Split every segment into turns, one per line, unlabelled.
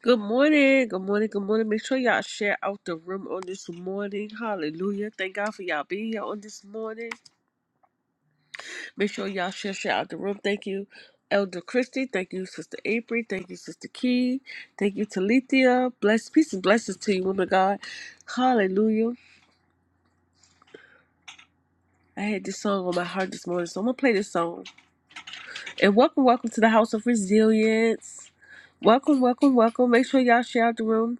Good morning, good morning, good morning. Make sure y'all share out the room on this morning. Hallelujah. Thank God for y'all being here on this morning. Make sure y'all share, share out the room. Thank you, Elder Christie. Thank you, Sister April. Thank you, Sister Key. Thank you, Talithia. Bless, peace and blessings to you, woman of God. Hallelujah. I had this song on my heart this morning, so I'm going to play this song. And welcome, welcome to the House of Resilience. Welcome, welcome, welcome. Make sure y'all share out the room.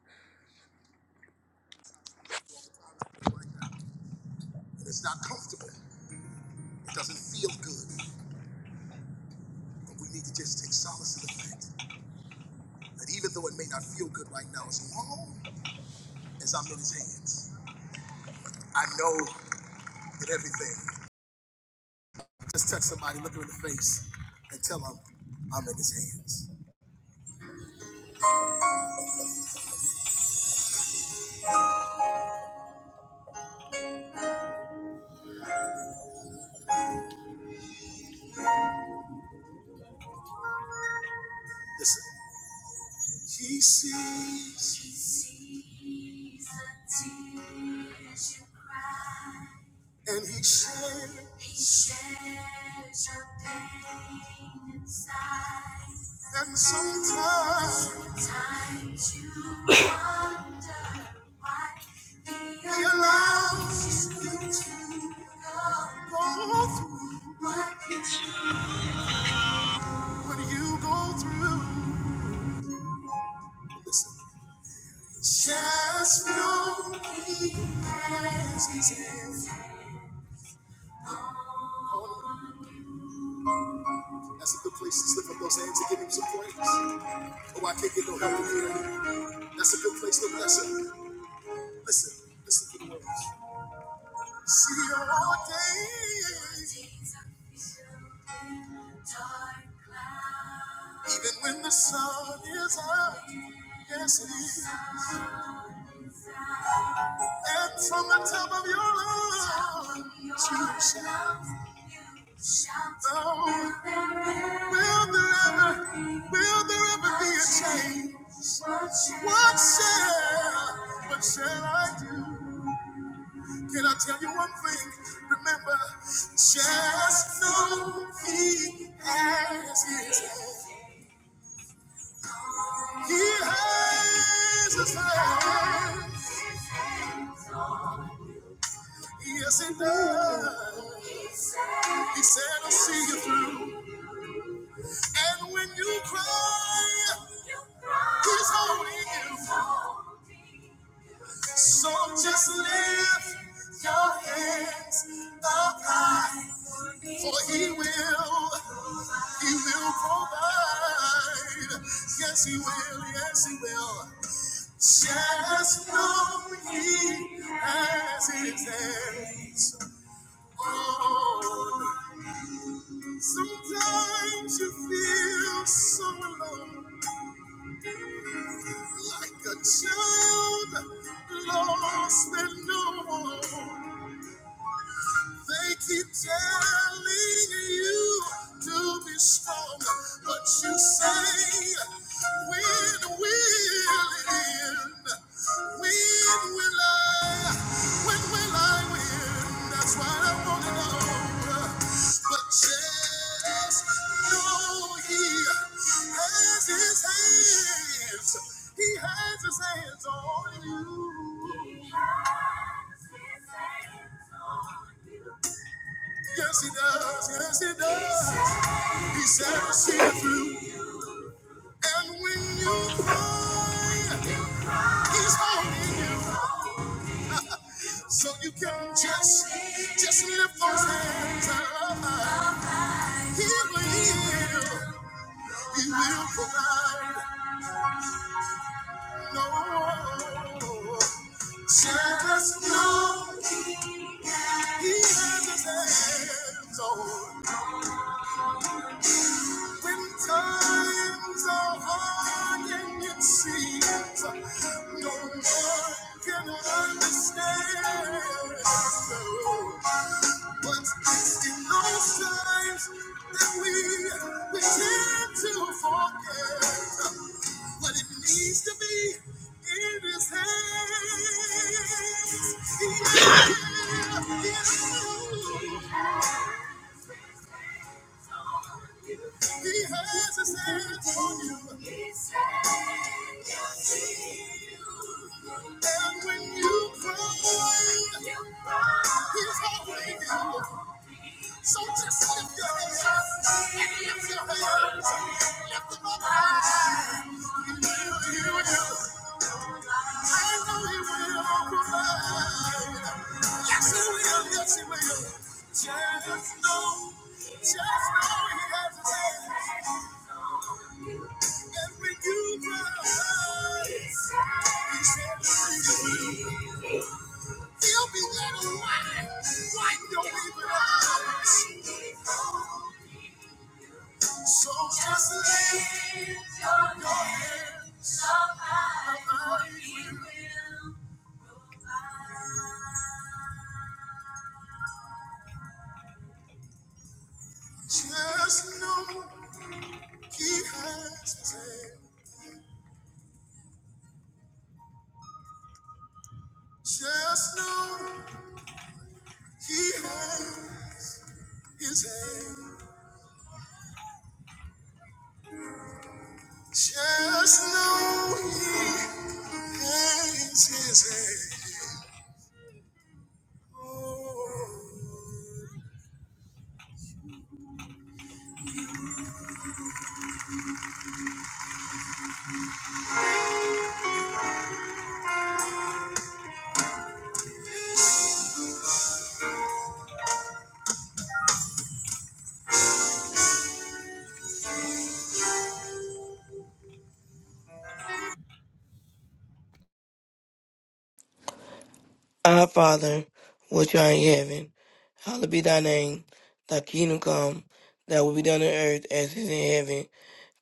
Our Father, which art in heaven, hallowed be thy name. Thy kingdom come, thy will be done on earth as it is in heaven.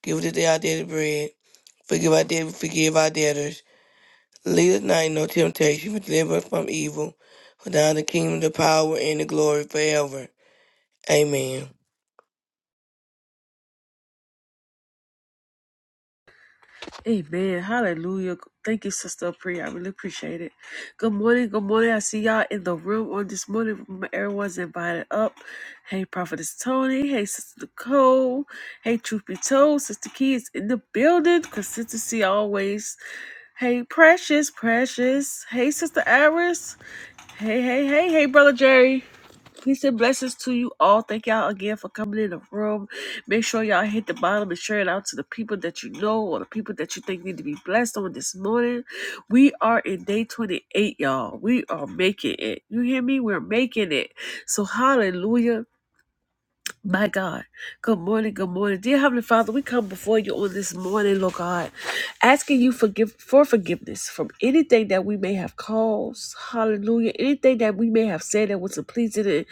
Give us today our daily bread. Forgive our debt, forgive our debtors. Lead us not into no temptation, but deliver us from evil. For thine is the kingdom, the power, and the glory forever. Amen.
Amen. Hallelujah. Thank you, Sister Pri. I really appreciate it. Good morning. Good morning. I see y'all in the room on this morning. Remember, Everyone's invited up. Hey, Prophetess Tony. Hey, Sister Nicole. Hey, Truth Be Told. Sister Key is in the building. Consistency always. Hey, Precious. Precious. Hey, Sister Iris. Hey, hey, hey. Hey, Brother Jerry. Peace and blessings to you all. Thank y'all again for coming in the room. Make sure y'all hit the bottom and share it out to the people that you know or the people that you think need to be blessed on this morning. We are in day 28, y'all. We are making it. You hear me? We're making it. So, hallelujah. My God. Good morning. Good morning. Dear Heavenly Father, we come before you on this morning, Lord God, asking you forgive for forgiveness from anything that we may have caused. Hallelujah. Anything that we may have said that wasn't pleasing in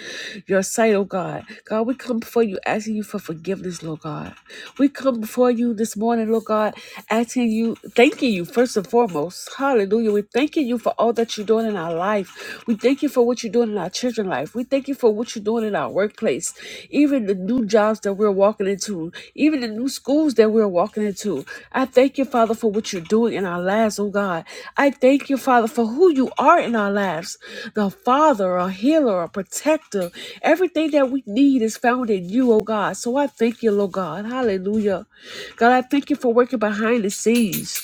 your sight, oh God. God, we come before you asking you for forgiveness, Lord God. We come before you this morning, Lord God, asking you, thanking you first and foremost. Hallelujah. We're thanking you for all that you're doing in our life. We thank you thank you for what you're doing in our children's life. We thank you for what you're doing in our workplace, even the new jobs that we're walking into, even the new schools that we're walking into. I thank you, Father, for what you're doing in our lives, oh God. I thank you, Father, for who you are in our lives the Father, a healer, a protector. Everything that we need is found in you, oh God. So I thank you, Lord God. Hallelujah. God, I thank you for working behind the scenes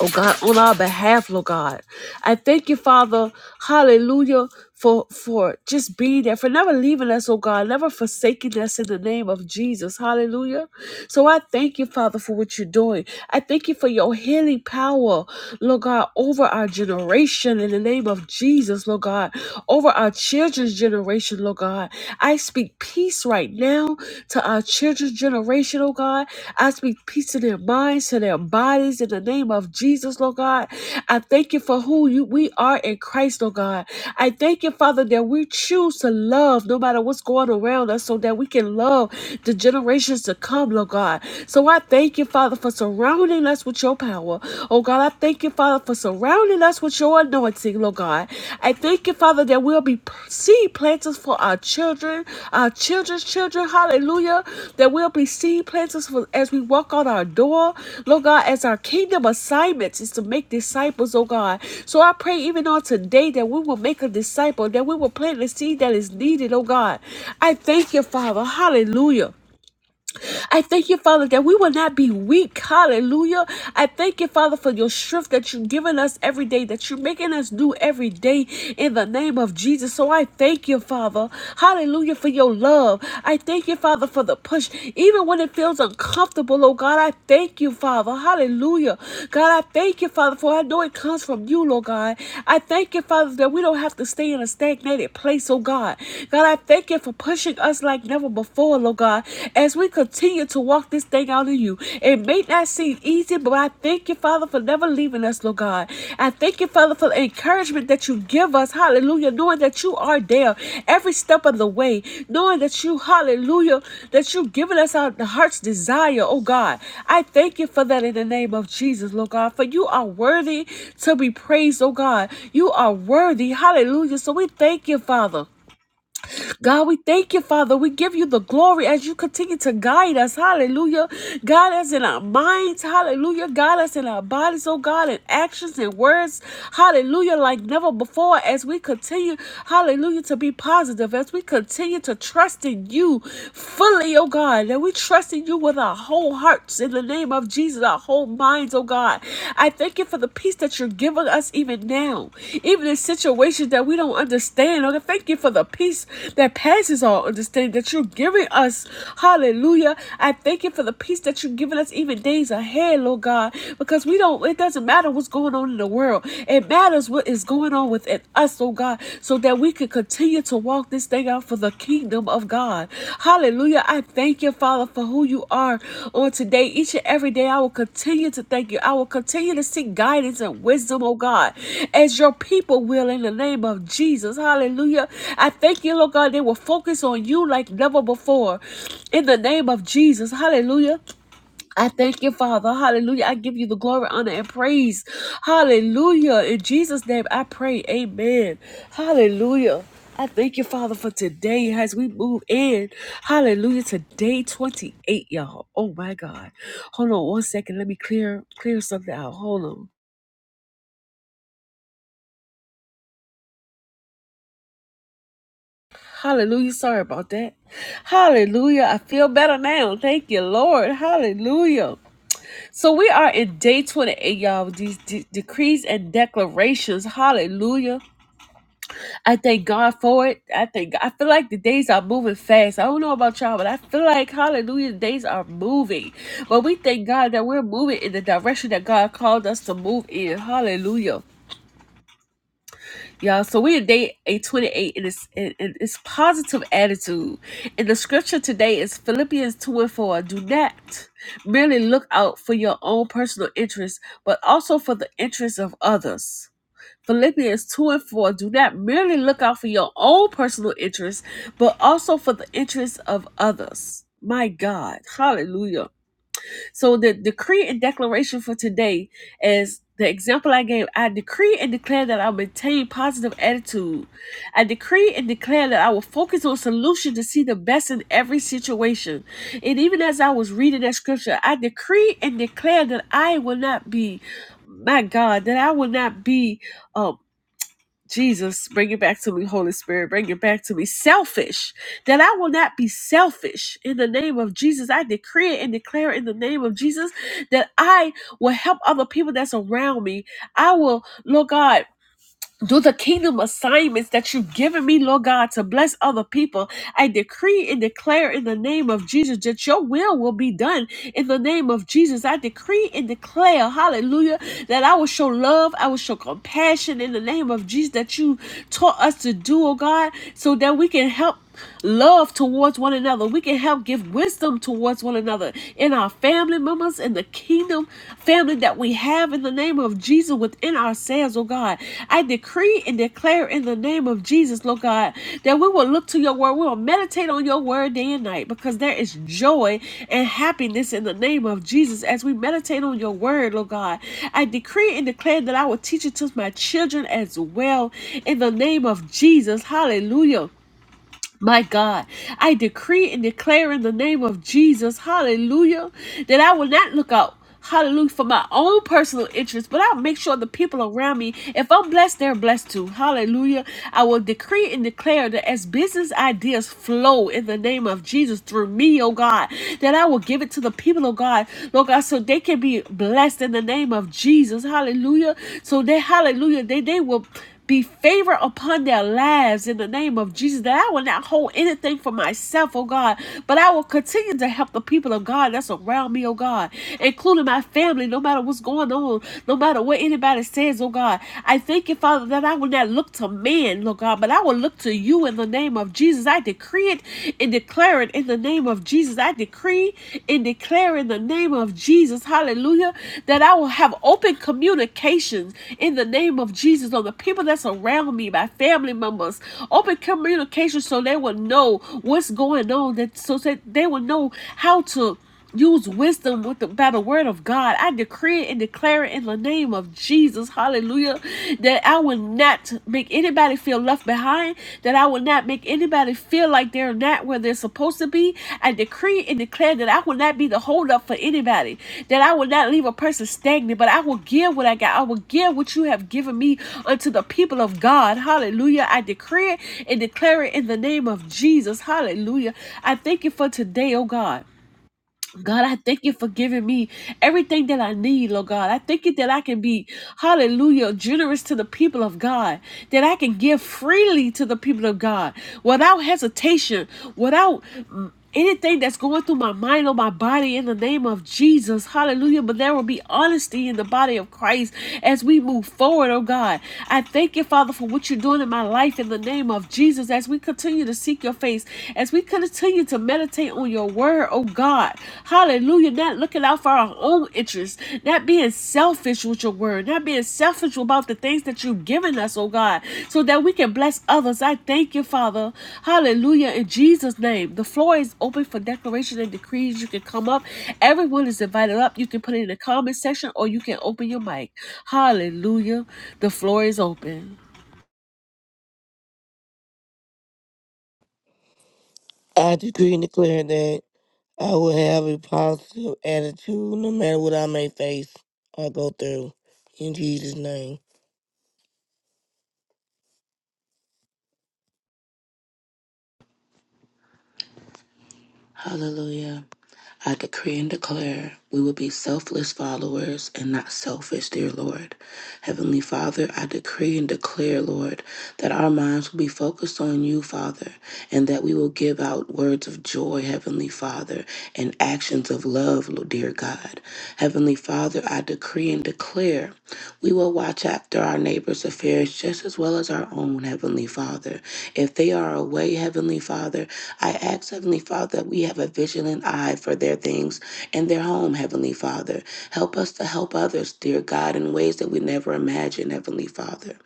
oh God, on our behalf, Lord God. I thank you, Father, hallelujah, for for just being there, for never leaving us, oh God, never forsaking us in the name of Jesus. Hallelujah. So I thank you, Father, for what you're doing. I thank you for your healing power, Lord God, over our generation in the name of Jesus, Lord God, over our children's generation, Lord God. I speak peace peace right now to our children's generation, oh God. I speak peace to their minds, to their bodies, in the name of Jesus, Lord God. I thank you for who you we are in Christ, Lord God. I thank you, Father, that we choose to love no matter what's going around us, so that we can love the generations to come, Lord God. So I thank you, Father, for surrounding us with your power. Oh God, I thank you, Father, for surrounding surrounding us with your anointing, Lord God. I thank you, Father, that we'll be seed planters for our children, our children's children. Hallelujah. That we'll be seed planters for, as we walk out our door, Lord God, as our kingdom assignments is to make disciples, oh God. So I pray even on today that we will make a disciple, that we will plant the seed that is needed, oh God. I thank you, Father. Hallelujah. I thank you, Father, that we will not be weak. Hallelujah. I thank you, Father, for your strength that you've given us every day, that you're making us do every day in the name of Jesus. So I thank you, Father. Hallelujah, for your love. I thank you, Father, for the push. Even when it feels uncomfortable, oh God, I thank you, Father. Hallelujah. God, I thank you, Father, for I know it comes from you, Lord God. I thank you, Father, that we don't have to stay in a stagnated place, oh God. God, I thank you for pushing us like like never before, Lord God, as we continue to walk this thing out of you. It may not seem easy, but I thank you, Father, for never leaving us, Lord God. I thank you, Father, for the encouragement that you give us, hallelujah, knowing that you are there every step of the way, knowing that you, hallelujah, that you've given us our heart's desire, oh God. I thank you for that in the name of Jesus, Lord God, for you are worthy to be praised, oh God. You are worthy, hallelujah. So we thank you, Father. God, we thank you, Father. We give you the glory as you continue to guide us. Hallelujah. God, us in our minds. Hallelujah. God, us in our bodies, oh God, in actions and words. Hallelujah. Like never before, as we continue, hallelujah, to be positive, as we continue to trust in you fully, oh God, that we trust in you with our whole hearts in the name of Jesus, our whole minds, oh God. I thank you for the peace that you're giving us even now, even in situations that we don't understand. Oh, God, thank you for the peace that passes all understanding that you're giving us. Hallelujah. I thank you for the peace that you're giving us even days ahead, Lord God, because we don't, it doesn't matter what's going on in the world. It matters what is going on within us, oh God, so that that we can continue to walk this thing out for the kingdom of God. Hallelujah. I thank you, Father, for who you are on today. Each and every day, I will continue to thank you. I will continue to seek guidance and wisdom, oh God, as your people will in the name of Jesus. Hallelujah. I thank you, Lord God, they will focus on you like never before in the name of Jesus. Hallelujah. I thank you, Father. Hallelujah. I give you the glory, honor, and praise. Hallelujah. In Jesus' name, I pray. Amen. Hallelujah. I thank you, Father, for today as we move in. Hallelujah. Today, 28, y'all. Oh my God. Hold on one second. Let me clear clear something out. Hold on. Hallelujah. Sorry about that. Hallelujah. I feel better now. Thank you, Lord. Hallelujah. So we are in day 28, y'all. These de- decrees and declarations. Hallelujah. I thank God for it. I thank. I feel like the days are moving fast. I don't know about y'all, but I feel like hallelujah, the days are moving. But we thank God that we're moving in the direction that God called us to move in. Hallelujah. Y'all, so we're in day 828, and it's, and and it's positive attitude. And the scripture today is Philippians 2 and 4. Do not merely look out for your own personal interests, but also for the interests of others. Philippians 2 and 4 do not merely look out for your own personal interests, but also for the interests of others. My God, hallelujah. So, the decree and declaration for today is the example I gave. I decree and declare that I maintain positive attitude. I decree and declare that I will focus on solution to see the best in every situation. And even as I was reading that scripture, I decree and declare that I will not be, my God, that I will not be uh, Jesus, bring it back to me, Holy Spirit, bring it back to me. Selfish, that I will not be selfish in the name of Jesus. I decree it and declare it in the name of Jesus that I will help other people that's around me. I will, Lord God do the kingdom assignments that you've given me, Lord God, to bless other people. I decree and declare in the name of Jesus that your will will be done in the name of Jesus. I decree and declare, hallelujah, that I will show love, I will show compassion in the name of Jesus that you taught us to do, oh God, so that we can help love towards one another. We can help give wisdom towards one another in our family members, in the kingdom family that we have in the name of Jesus within our within ourselves, oh God. I decree and declare in the name of Jesus, Lord God, that we will look to your word. We will meditate on your word day and night because there is joy and happiness in the name of Jesus as we meditate on your word, Lord God. I decree and declare that I will teach it to my children as well in the name of Jesus. Hallelujah. My God, I decree and declare in the name of Jesus, hallelujah, that I will not look out, hallelujah, for my own personal interest, but I'll make sure the people around me, if I'm blessed, they're blessed too. Hallelujah. I will decree and declare that as business ideas flow in the name of Jesus through me, oh God, that I will give it to the people, oh God, Lord God, so they can be blessed in the name of Jesus. Hallelujah. So they, hallelujah, they, they will be favor upon their lives in the name of Jesus. That I will not hold anything for myself, oh God, but I will continue to help the people of God that's around me, oh God, including my family, no matter what's going on, no matter what anybody says, oh God. I thank you, Father, that I will not look to man, Lord God, but I will look to you in the name of Jesus. I decree it and declare it in the name of Jesus. I decree decree and declare in the name of Jesus, hallelujah, that I will have open communications in the name of Jesus on the people that's around me, my family members. Open communication so they will know what's going on, that so that they will know how to Use wisdom with the, by the word of God. I decree it and declare it in the name of Jesus. Hallelujah. That I will not make anybody feel left behind. That I will not make anybody feel like they're not where they're supposed to be. I decree and declare that I will not be the holdup for anybody. That I will not leave a person stagnant, but I will give what I got. I will give what you have given me unto the people of God. Hallelujah. I decree it and declare it in the name of Jesus. Hallelujah. I thank you for today, oh God. God, I thank you for giving me everything that I need, Lord God. I thank you that I can be, hallelujah, generous to the people of God, that I can give freely to the people of God without hesitation, without mm, anything that's going through my mind or my body in the name of Jesus. Hallelujah. But there will be honesty in the body of Christ as we move forward, oh God. I thank you, Father, for what you're doing in my life in the name of Jesus as we continue to seek your face as we continue to meditate on your word, oh God. Hallelujah. Not looking out for our own interests, not being selfish with your word, not being selfish about the things that you've given us, oh God, so that we can bless others. I thank you, Father. Hallelujah. In Jesus' name, the floor is open for declaration and decrees. You can come up. Everyone is invited up. You can put it in the comment section or you can open your mic. Hallelujah. The floor is open.
I decree and declare that I will have a positive attitude no matter what I may face or go through. In Jesus' name.
Hallelujah. I decree and declare we will be selfless followers and not selfish, dear Lord. Heavenly Father, I decree and declare, Lord, that our minds will be focused on you, Father, and that we will give out words of joy, Heavenly Father, and actions of love, dear God. Heavenly Father, I decree and declare. We will watch after our neighbor's affairs just as well as our own, Heavenly Father. If they are away, Heavenly Father, I ask, Heavenly Father, that we have a vigilant eye for their things and their home, Heavenly Father. Help us to help others, dear God, in ways that we never imagined, Heavenly Father.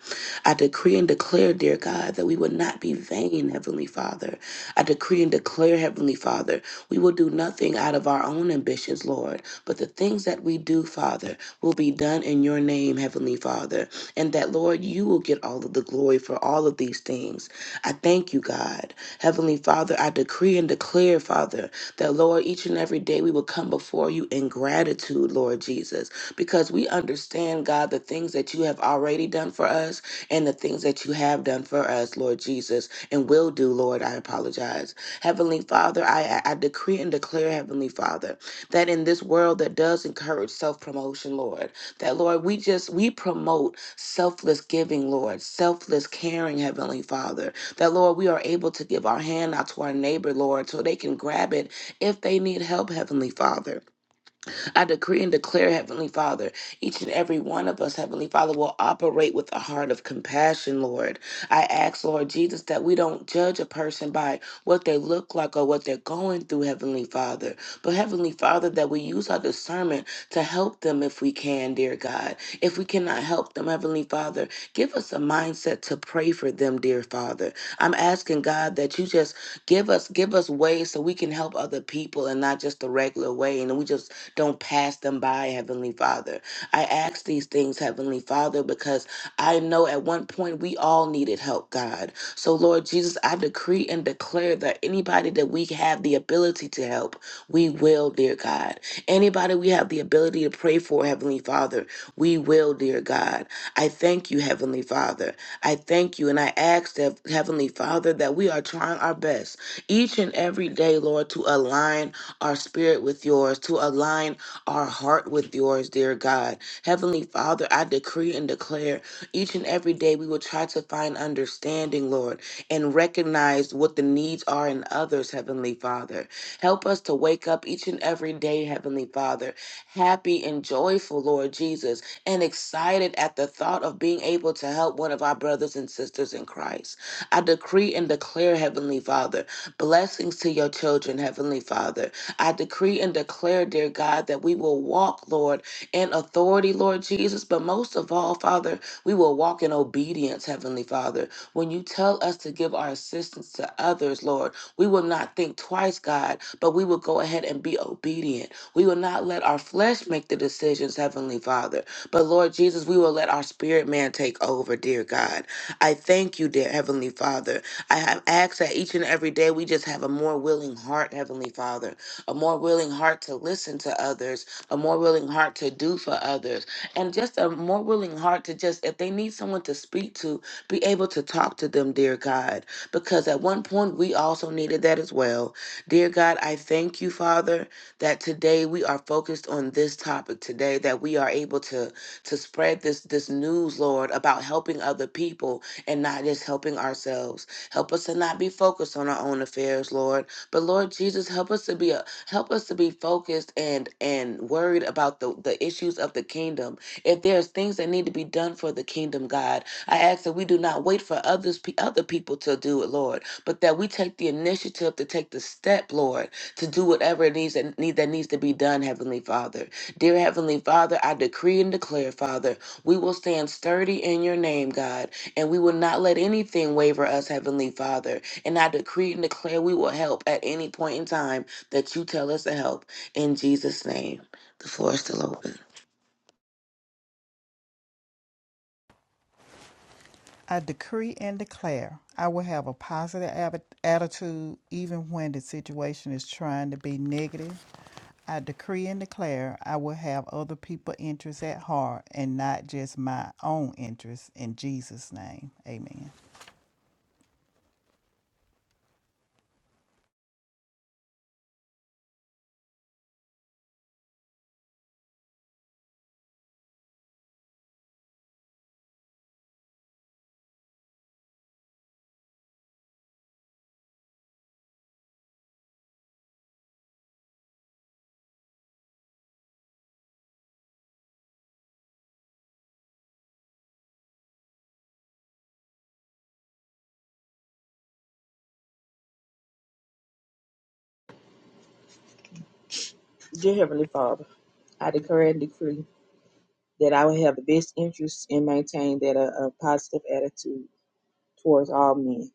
I decree and declare, dear God, that we would not be vain, Heavenly Father. I decree and declare, Heavenly Father, we will do nothing out of our own ambitions, Lord, but the things that we do, Father will be done in your name, Heavenly Father. And that, Lord, you will get all of the glory for all of these things. I thank you, God. Heavenly Father, I decree and declare, Father, that, Lord, each and every day we will come before you in gratitude, Lord Jesus, because we understand, God, the things that you have already done for us and the things that you have done for us, Lord Jesus, and will do, Lord. I apologize. Heavenly Father, I, I I decree and declare, Heavenly Father, that in this world that does encourage self-promotion, Lord, that Lord, we just we promote selfless giving, Lord, selfless caring, Heavenly Father. That Lord, we are able to give our hand out to our neighbor, Lord, so they can grab it if they need help, Heavenly Father. I decree and declare, Heavenly Father, each and every one of us, Heavenly Father, will operate with a heart of compassion, Lord. I ask, Lord Jesus, that we don't judge a person by what they look like or what they're going through, Heavenly Father. But, Heavenly Father, that we use our discernment to help them if we can, dear God. If we cannot help them, Heavenly Father, give us a mindset to pray for them, dear Father. I'm asking, God, that you just give us give us ways so we can help other people and not just the regular way and we just don't pass them by, Heavenly Father. I ask these things, Heavenly Father, because I know at one point we all needed help, God. So, Lord Jesus, I decree and declare that anybody that we have the ability to help, we will, dear God. Anybody we have the ability to pray for, Heavenly Father, we will, dear God. I thank you, Heavenly Father. I thank you, and I ask that, Heavenly Father, that we are trying our best each and every day, Lord, to align our spirit with yours, to align our heart with yours, dear God. Heavenly Father, I decree and declare each and every day we will try to find understanding, Lord, and recognize what the needs are in others, Heavenly Father. Help us to wake up each and every day, Heavenly Father, happy and joyful, Lord Jesus, and excited at the thought of being able to help one of our brothers and sisters in Christ. I decree and declare, Heavenly Father, blessings to your children, Heavenly Father I decree and declare, dear God, that we will walk, Lord, in authority, Lord Jesus. But most of all, Father, we will walk in obedience, Heavenly Father. When you tell us to give our assistance to others, Lord, we will not think twice, God, but we will go ahead and be obedient. We will not let our flesh make the decisions, Heavenly Father. But Lord Jesus, we will let our spirit man take over, dear God. I thank you, dear Heavenly Father. I have asked that each and every day we just have a more willing heart, Heavenly Father a more willing heart to listen to others, a more willing heart to do for others, and just a more willing heart to just, if they need someone to speak to, be able to talk to them, dear God. Because at one point, we also needed that as well. Dear God, I thank you, Father, that today we are focused on this topic today, that we are able to to spread this this news, Lord, about helping other people and not just helping ourselves. Help us to not be focused on our own affairs, Lord. But Lord Jesus, help us to be a, Help us to be focused and and worried about the, the issues of the kingdom. If there's things that need to be done for the kingdom, God, I ask that we do not wait for others pe- other people to do it, Lord, but that we take the initiative to take the step, Lord, to do whatever it needs that need that needs to be done, Heavenly Father. Dear Heavenly Father, I decree and declare, Father, we will stand sturdy in your name, God, and we will not let anything waver us, Heavenly Father. And I decree and declare we will help at any point in time that you tell us to help. In Jesus' name, the floor is still open.
I decree and declare I will have a positive attitude even when the situation is trying to be negative. I decree and declare I will have other people's interests at heart and not just my own interests in Jesus' name. Amen.
Dear Heavenly Father, I declare and decree that I will have the best interest and maintain that a, a positive attitude towards all men.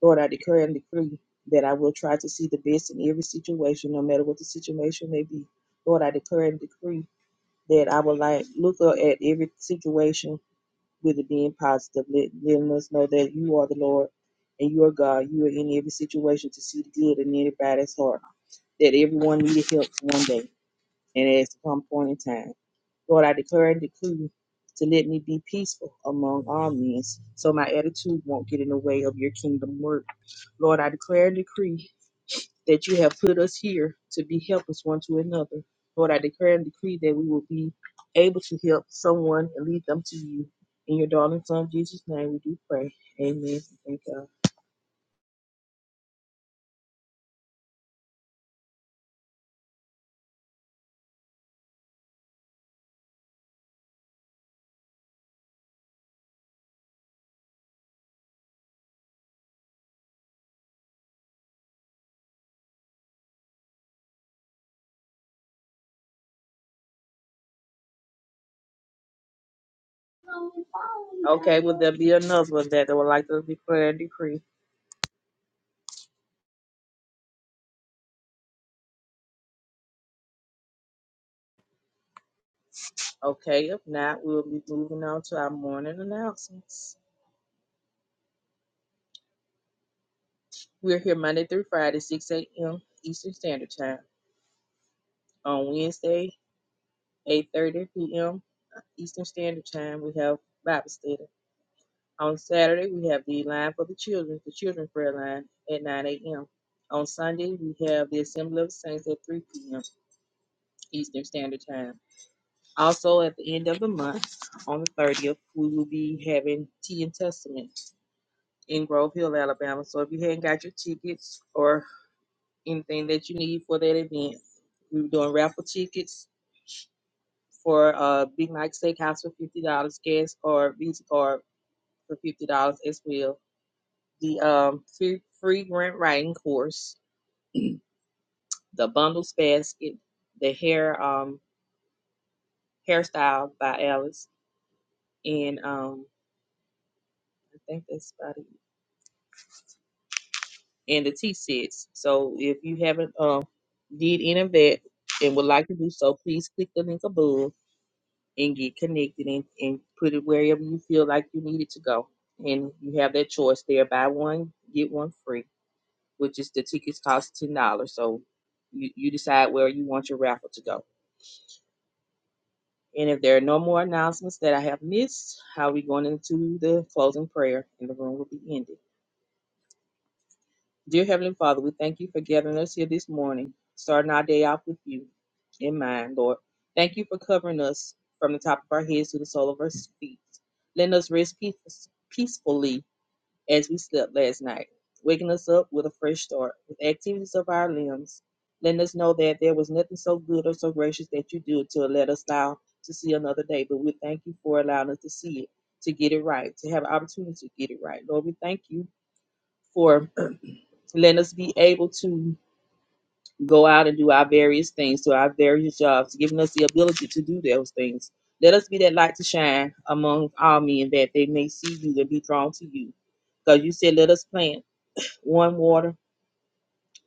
Lord, I declare and decree that I will try to see the best in every situation, no matter what the situation may be. Lord, I declare and decree that I will like look up at every situation with it being positive, let, letting us know that you are the Lord and you are God. You are in every situation to see the good in anybody's heart. That everyone needed help one day and as to come point in time. Lord, I declare and decree to let me be peaceful among all men, so my attitude won't get in the way of your kingdom work. Lord, I declare and decree that you have put us here to be helpers one to another. Lord, I declare and decree that we will be able to help someone and lead them to you. In your darling son Jesus' name, we do pray. Amen. Thank God. Okay, will there be another one that would like to declare and decree? Okay, if not, we'll be moving on to our morning announcements. We're here Monday through Friday, 6 a.m. Eastern Standard Time. On Wednesday, 8.30 p.m. Eastern Standard Time, we have Bible study. On Saturday, we have the line for the children, the children's prayer line at 9 a.m. On Sunday, we have the Assembly of Saints at 3 p.m. Eastern Standard Time. Also, at the end of the month, on the 30th, we will be having Tea and Testament. in Grove Hill, Alabama. So if you hadn't got your tickets or anything that you need for that event, we were doing raffle tickets for uh Big Mike Steakhouse for fifty dollars, gas card, Visa card for fifty dollars as well. The um free, free grant writing course, the bundles basket, the hair um hairstyle by Alice, and um I think that's about it. and the T6. So if you haven't um did any of that and would like to do so, please click the link above and get connected and, and put it wherever you feel like you need it to go. And you have that choice there. Buy one, get one free, which is the tickets cost ten dollars. So you, you decide where you want your raffle to go. And if there are no more announcements that I have missed, I'll be going into the closing prayer and the room will be ended. Dear Heavenly Father, we thank you for gathering us here this morning, starting our day off with you in mind, Lord. Thank you for covering us from the top of our heads to the sole of our feet, letting us rest peace- peacefully as we slept last night, waking us up with a fresh start, with activities of our limbs, letting us know that there was nothing so good or so gracious that you do to let us allow to see another day. But we thank you for allowing us to see it, to get it right, to have an opportunity to get it right. Lord, we thank you for letting us be able to go out and do our various things to our various jobs, giving us the ability to do those things. Let us be that light to shine among all men that they may see you and be drawn to you. Because you said, let us plant one water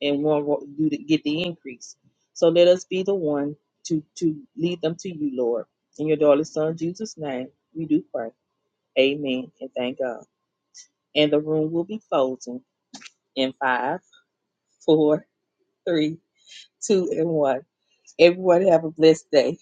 and one wa- you to get the increase. So let us be the one to, to lead them to you, Lord. In your darling son, Jesus' name, we do pray. Amen and thank God. And the room will be closing in five, four, three, two, and one. Everyone have a blessed day.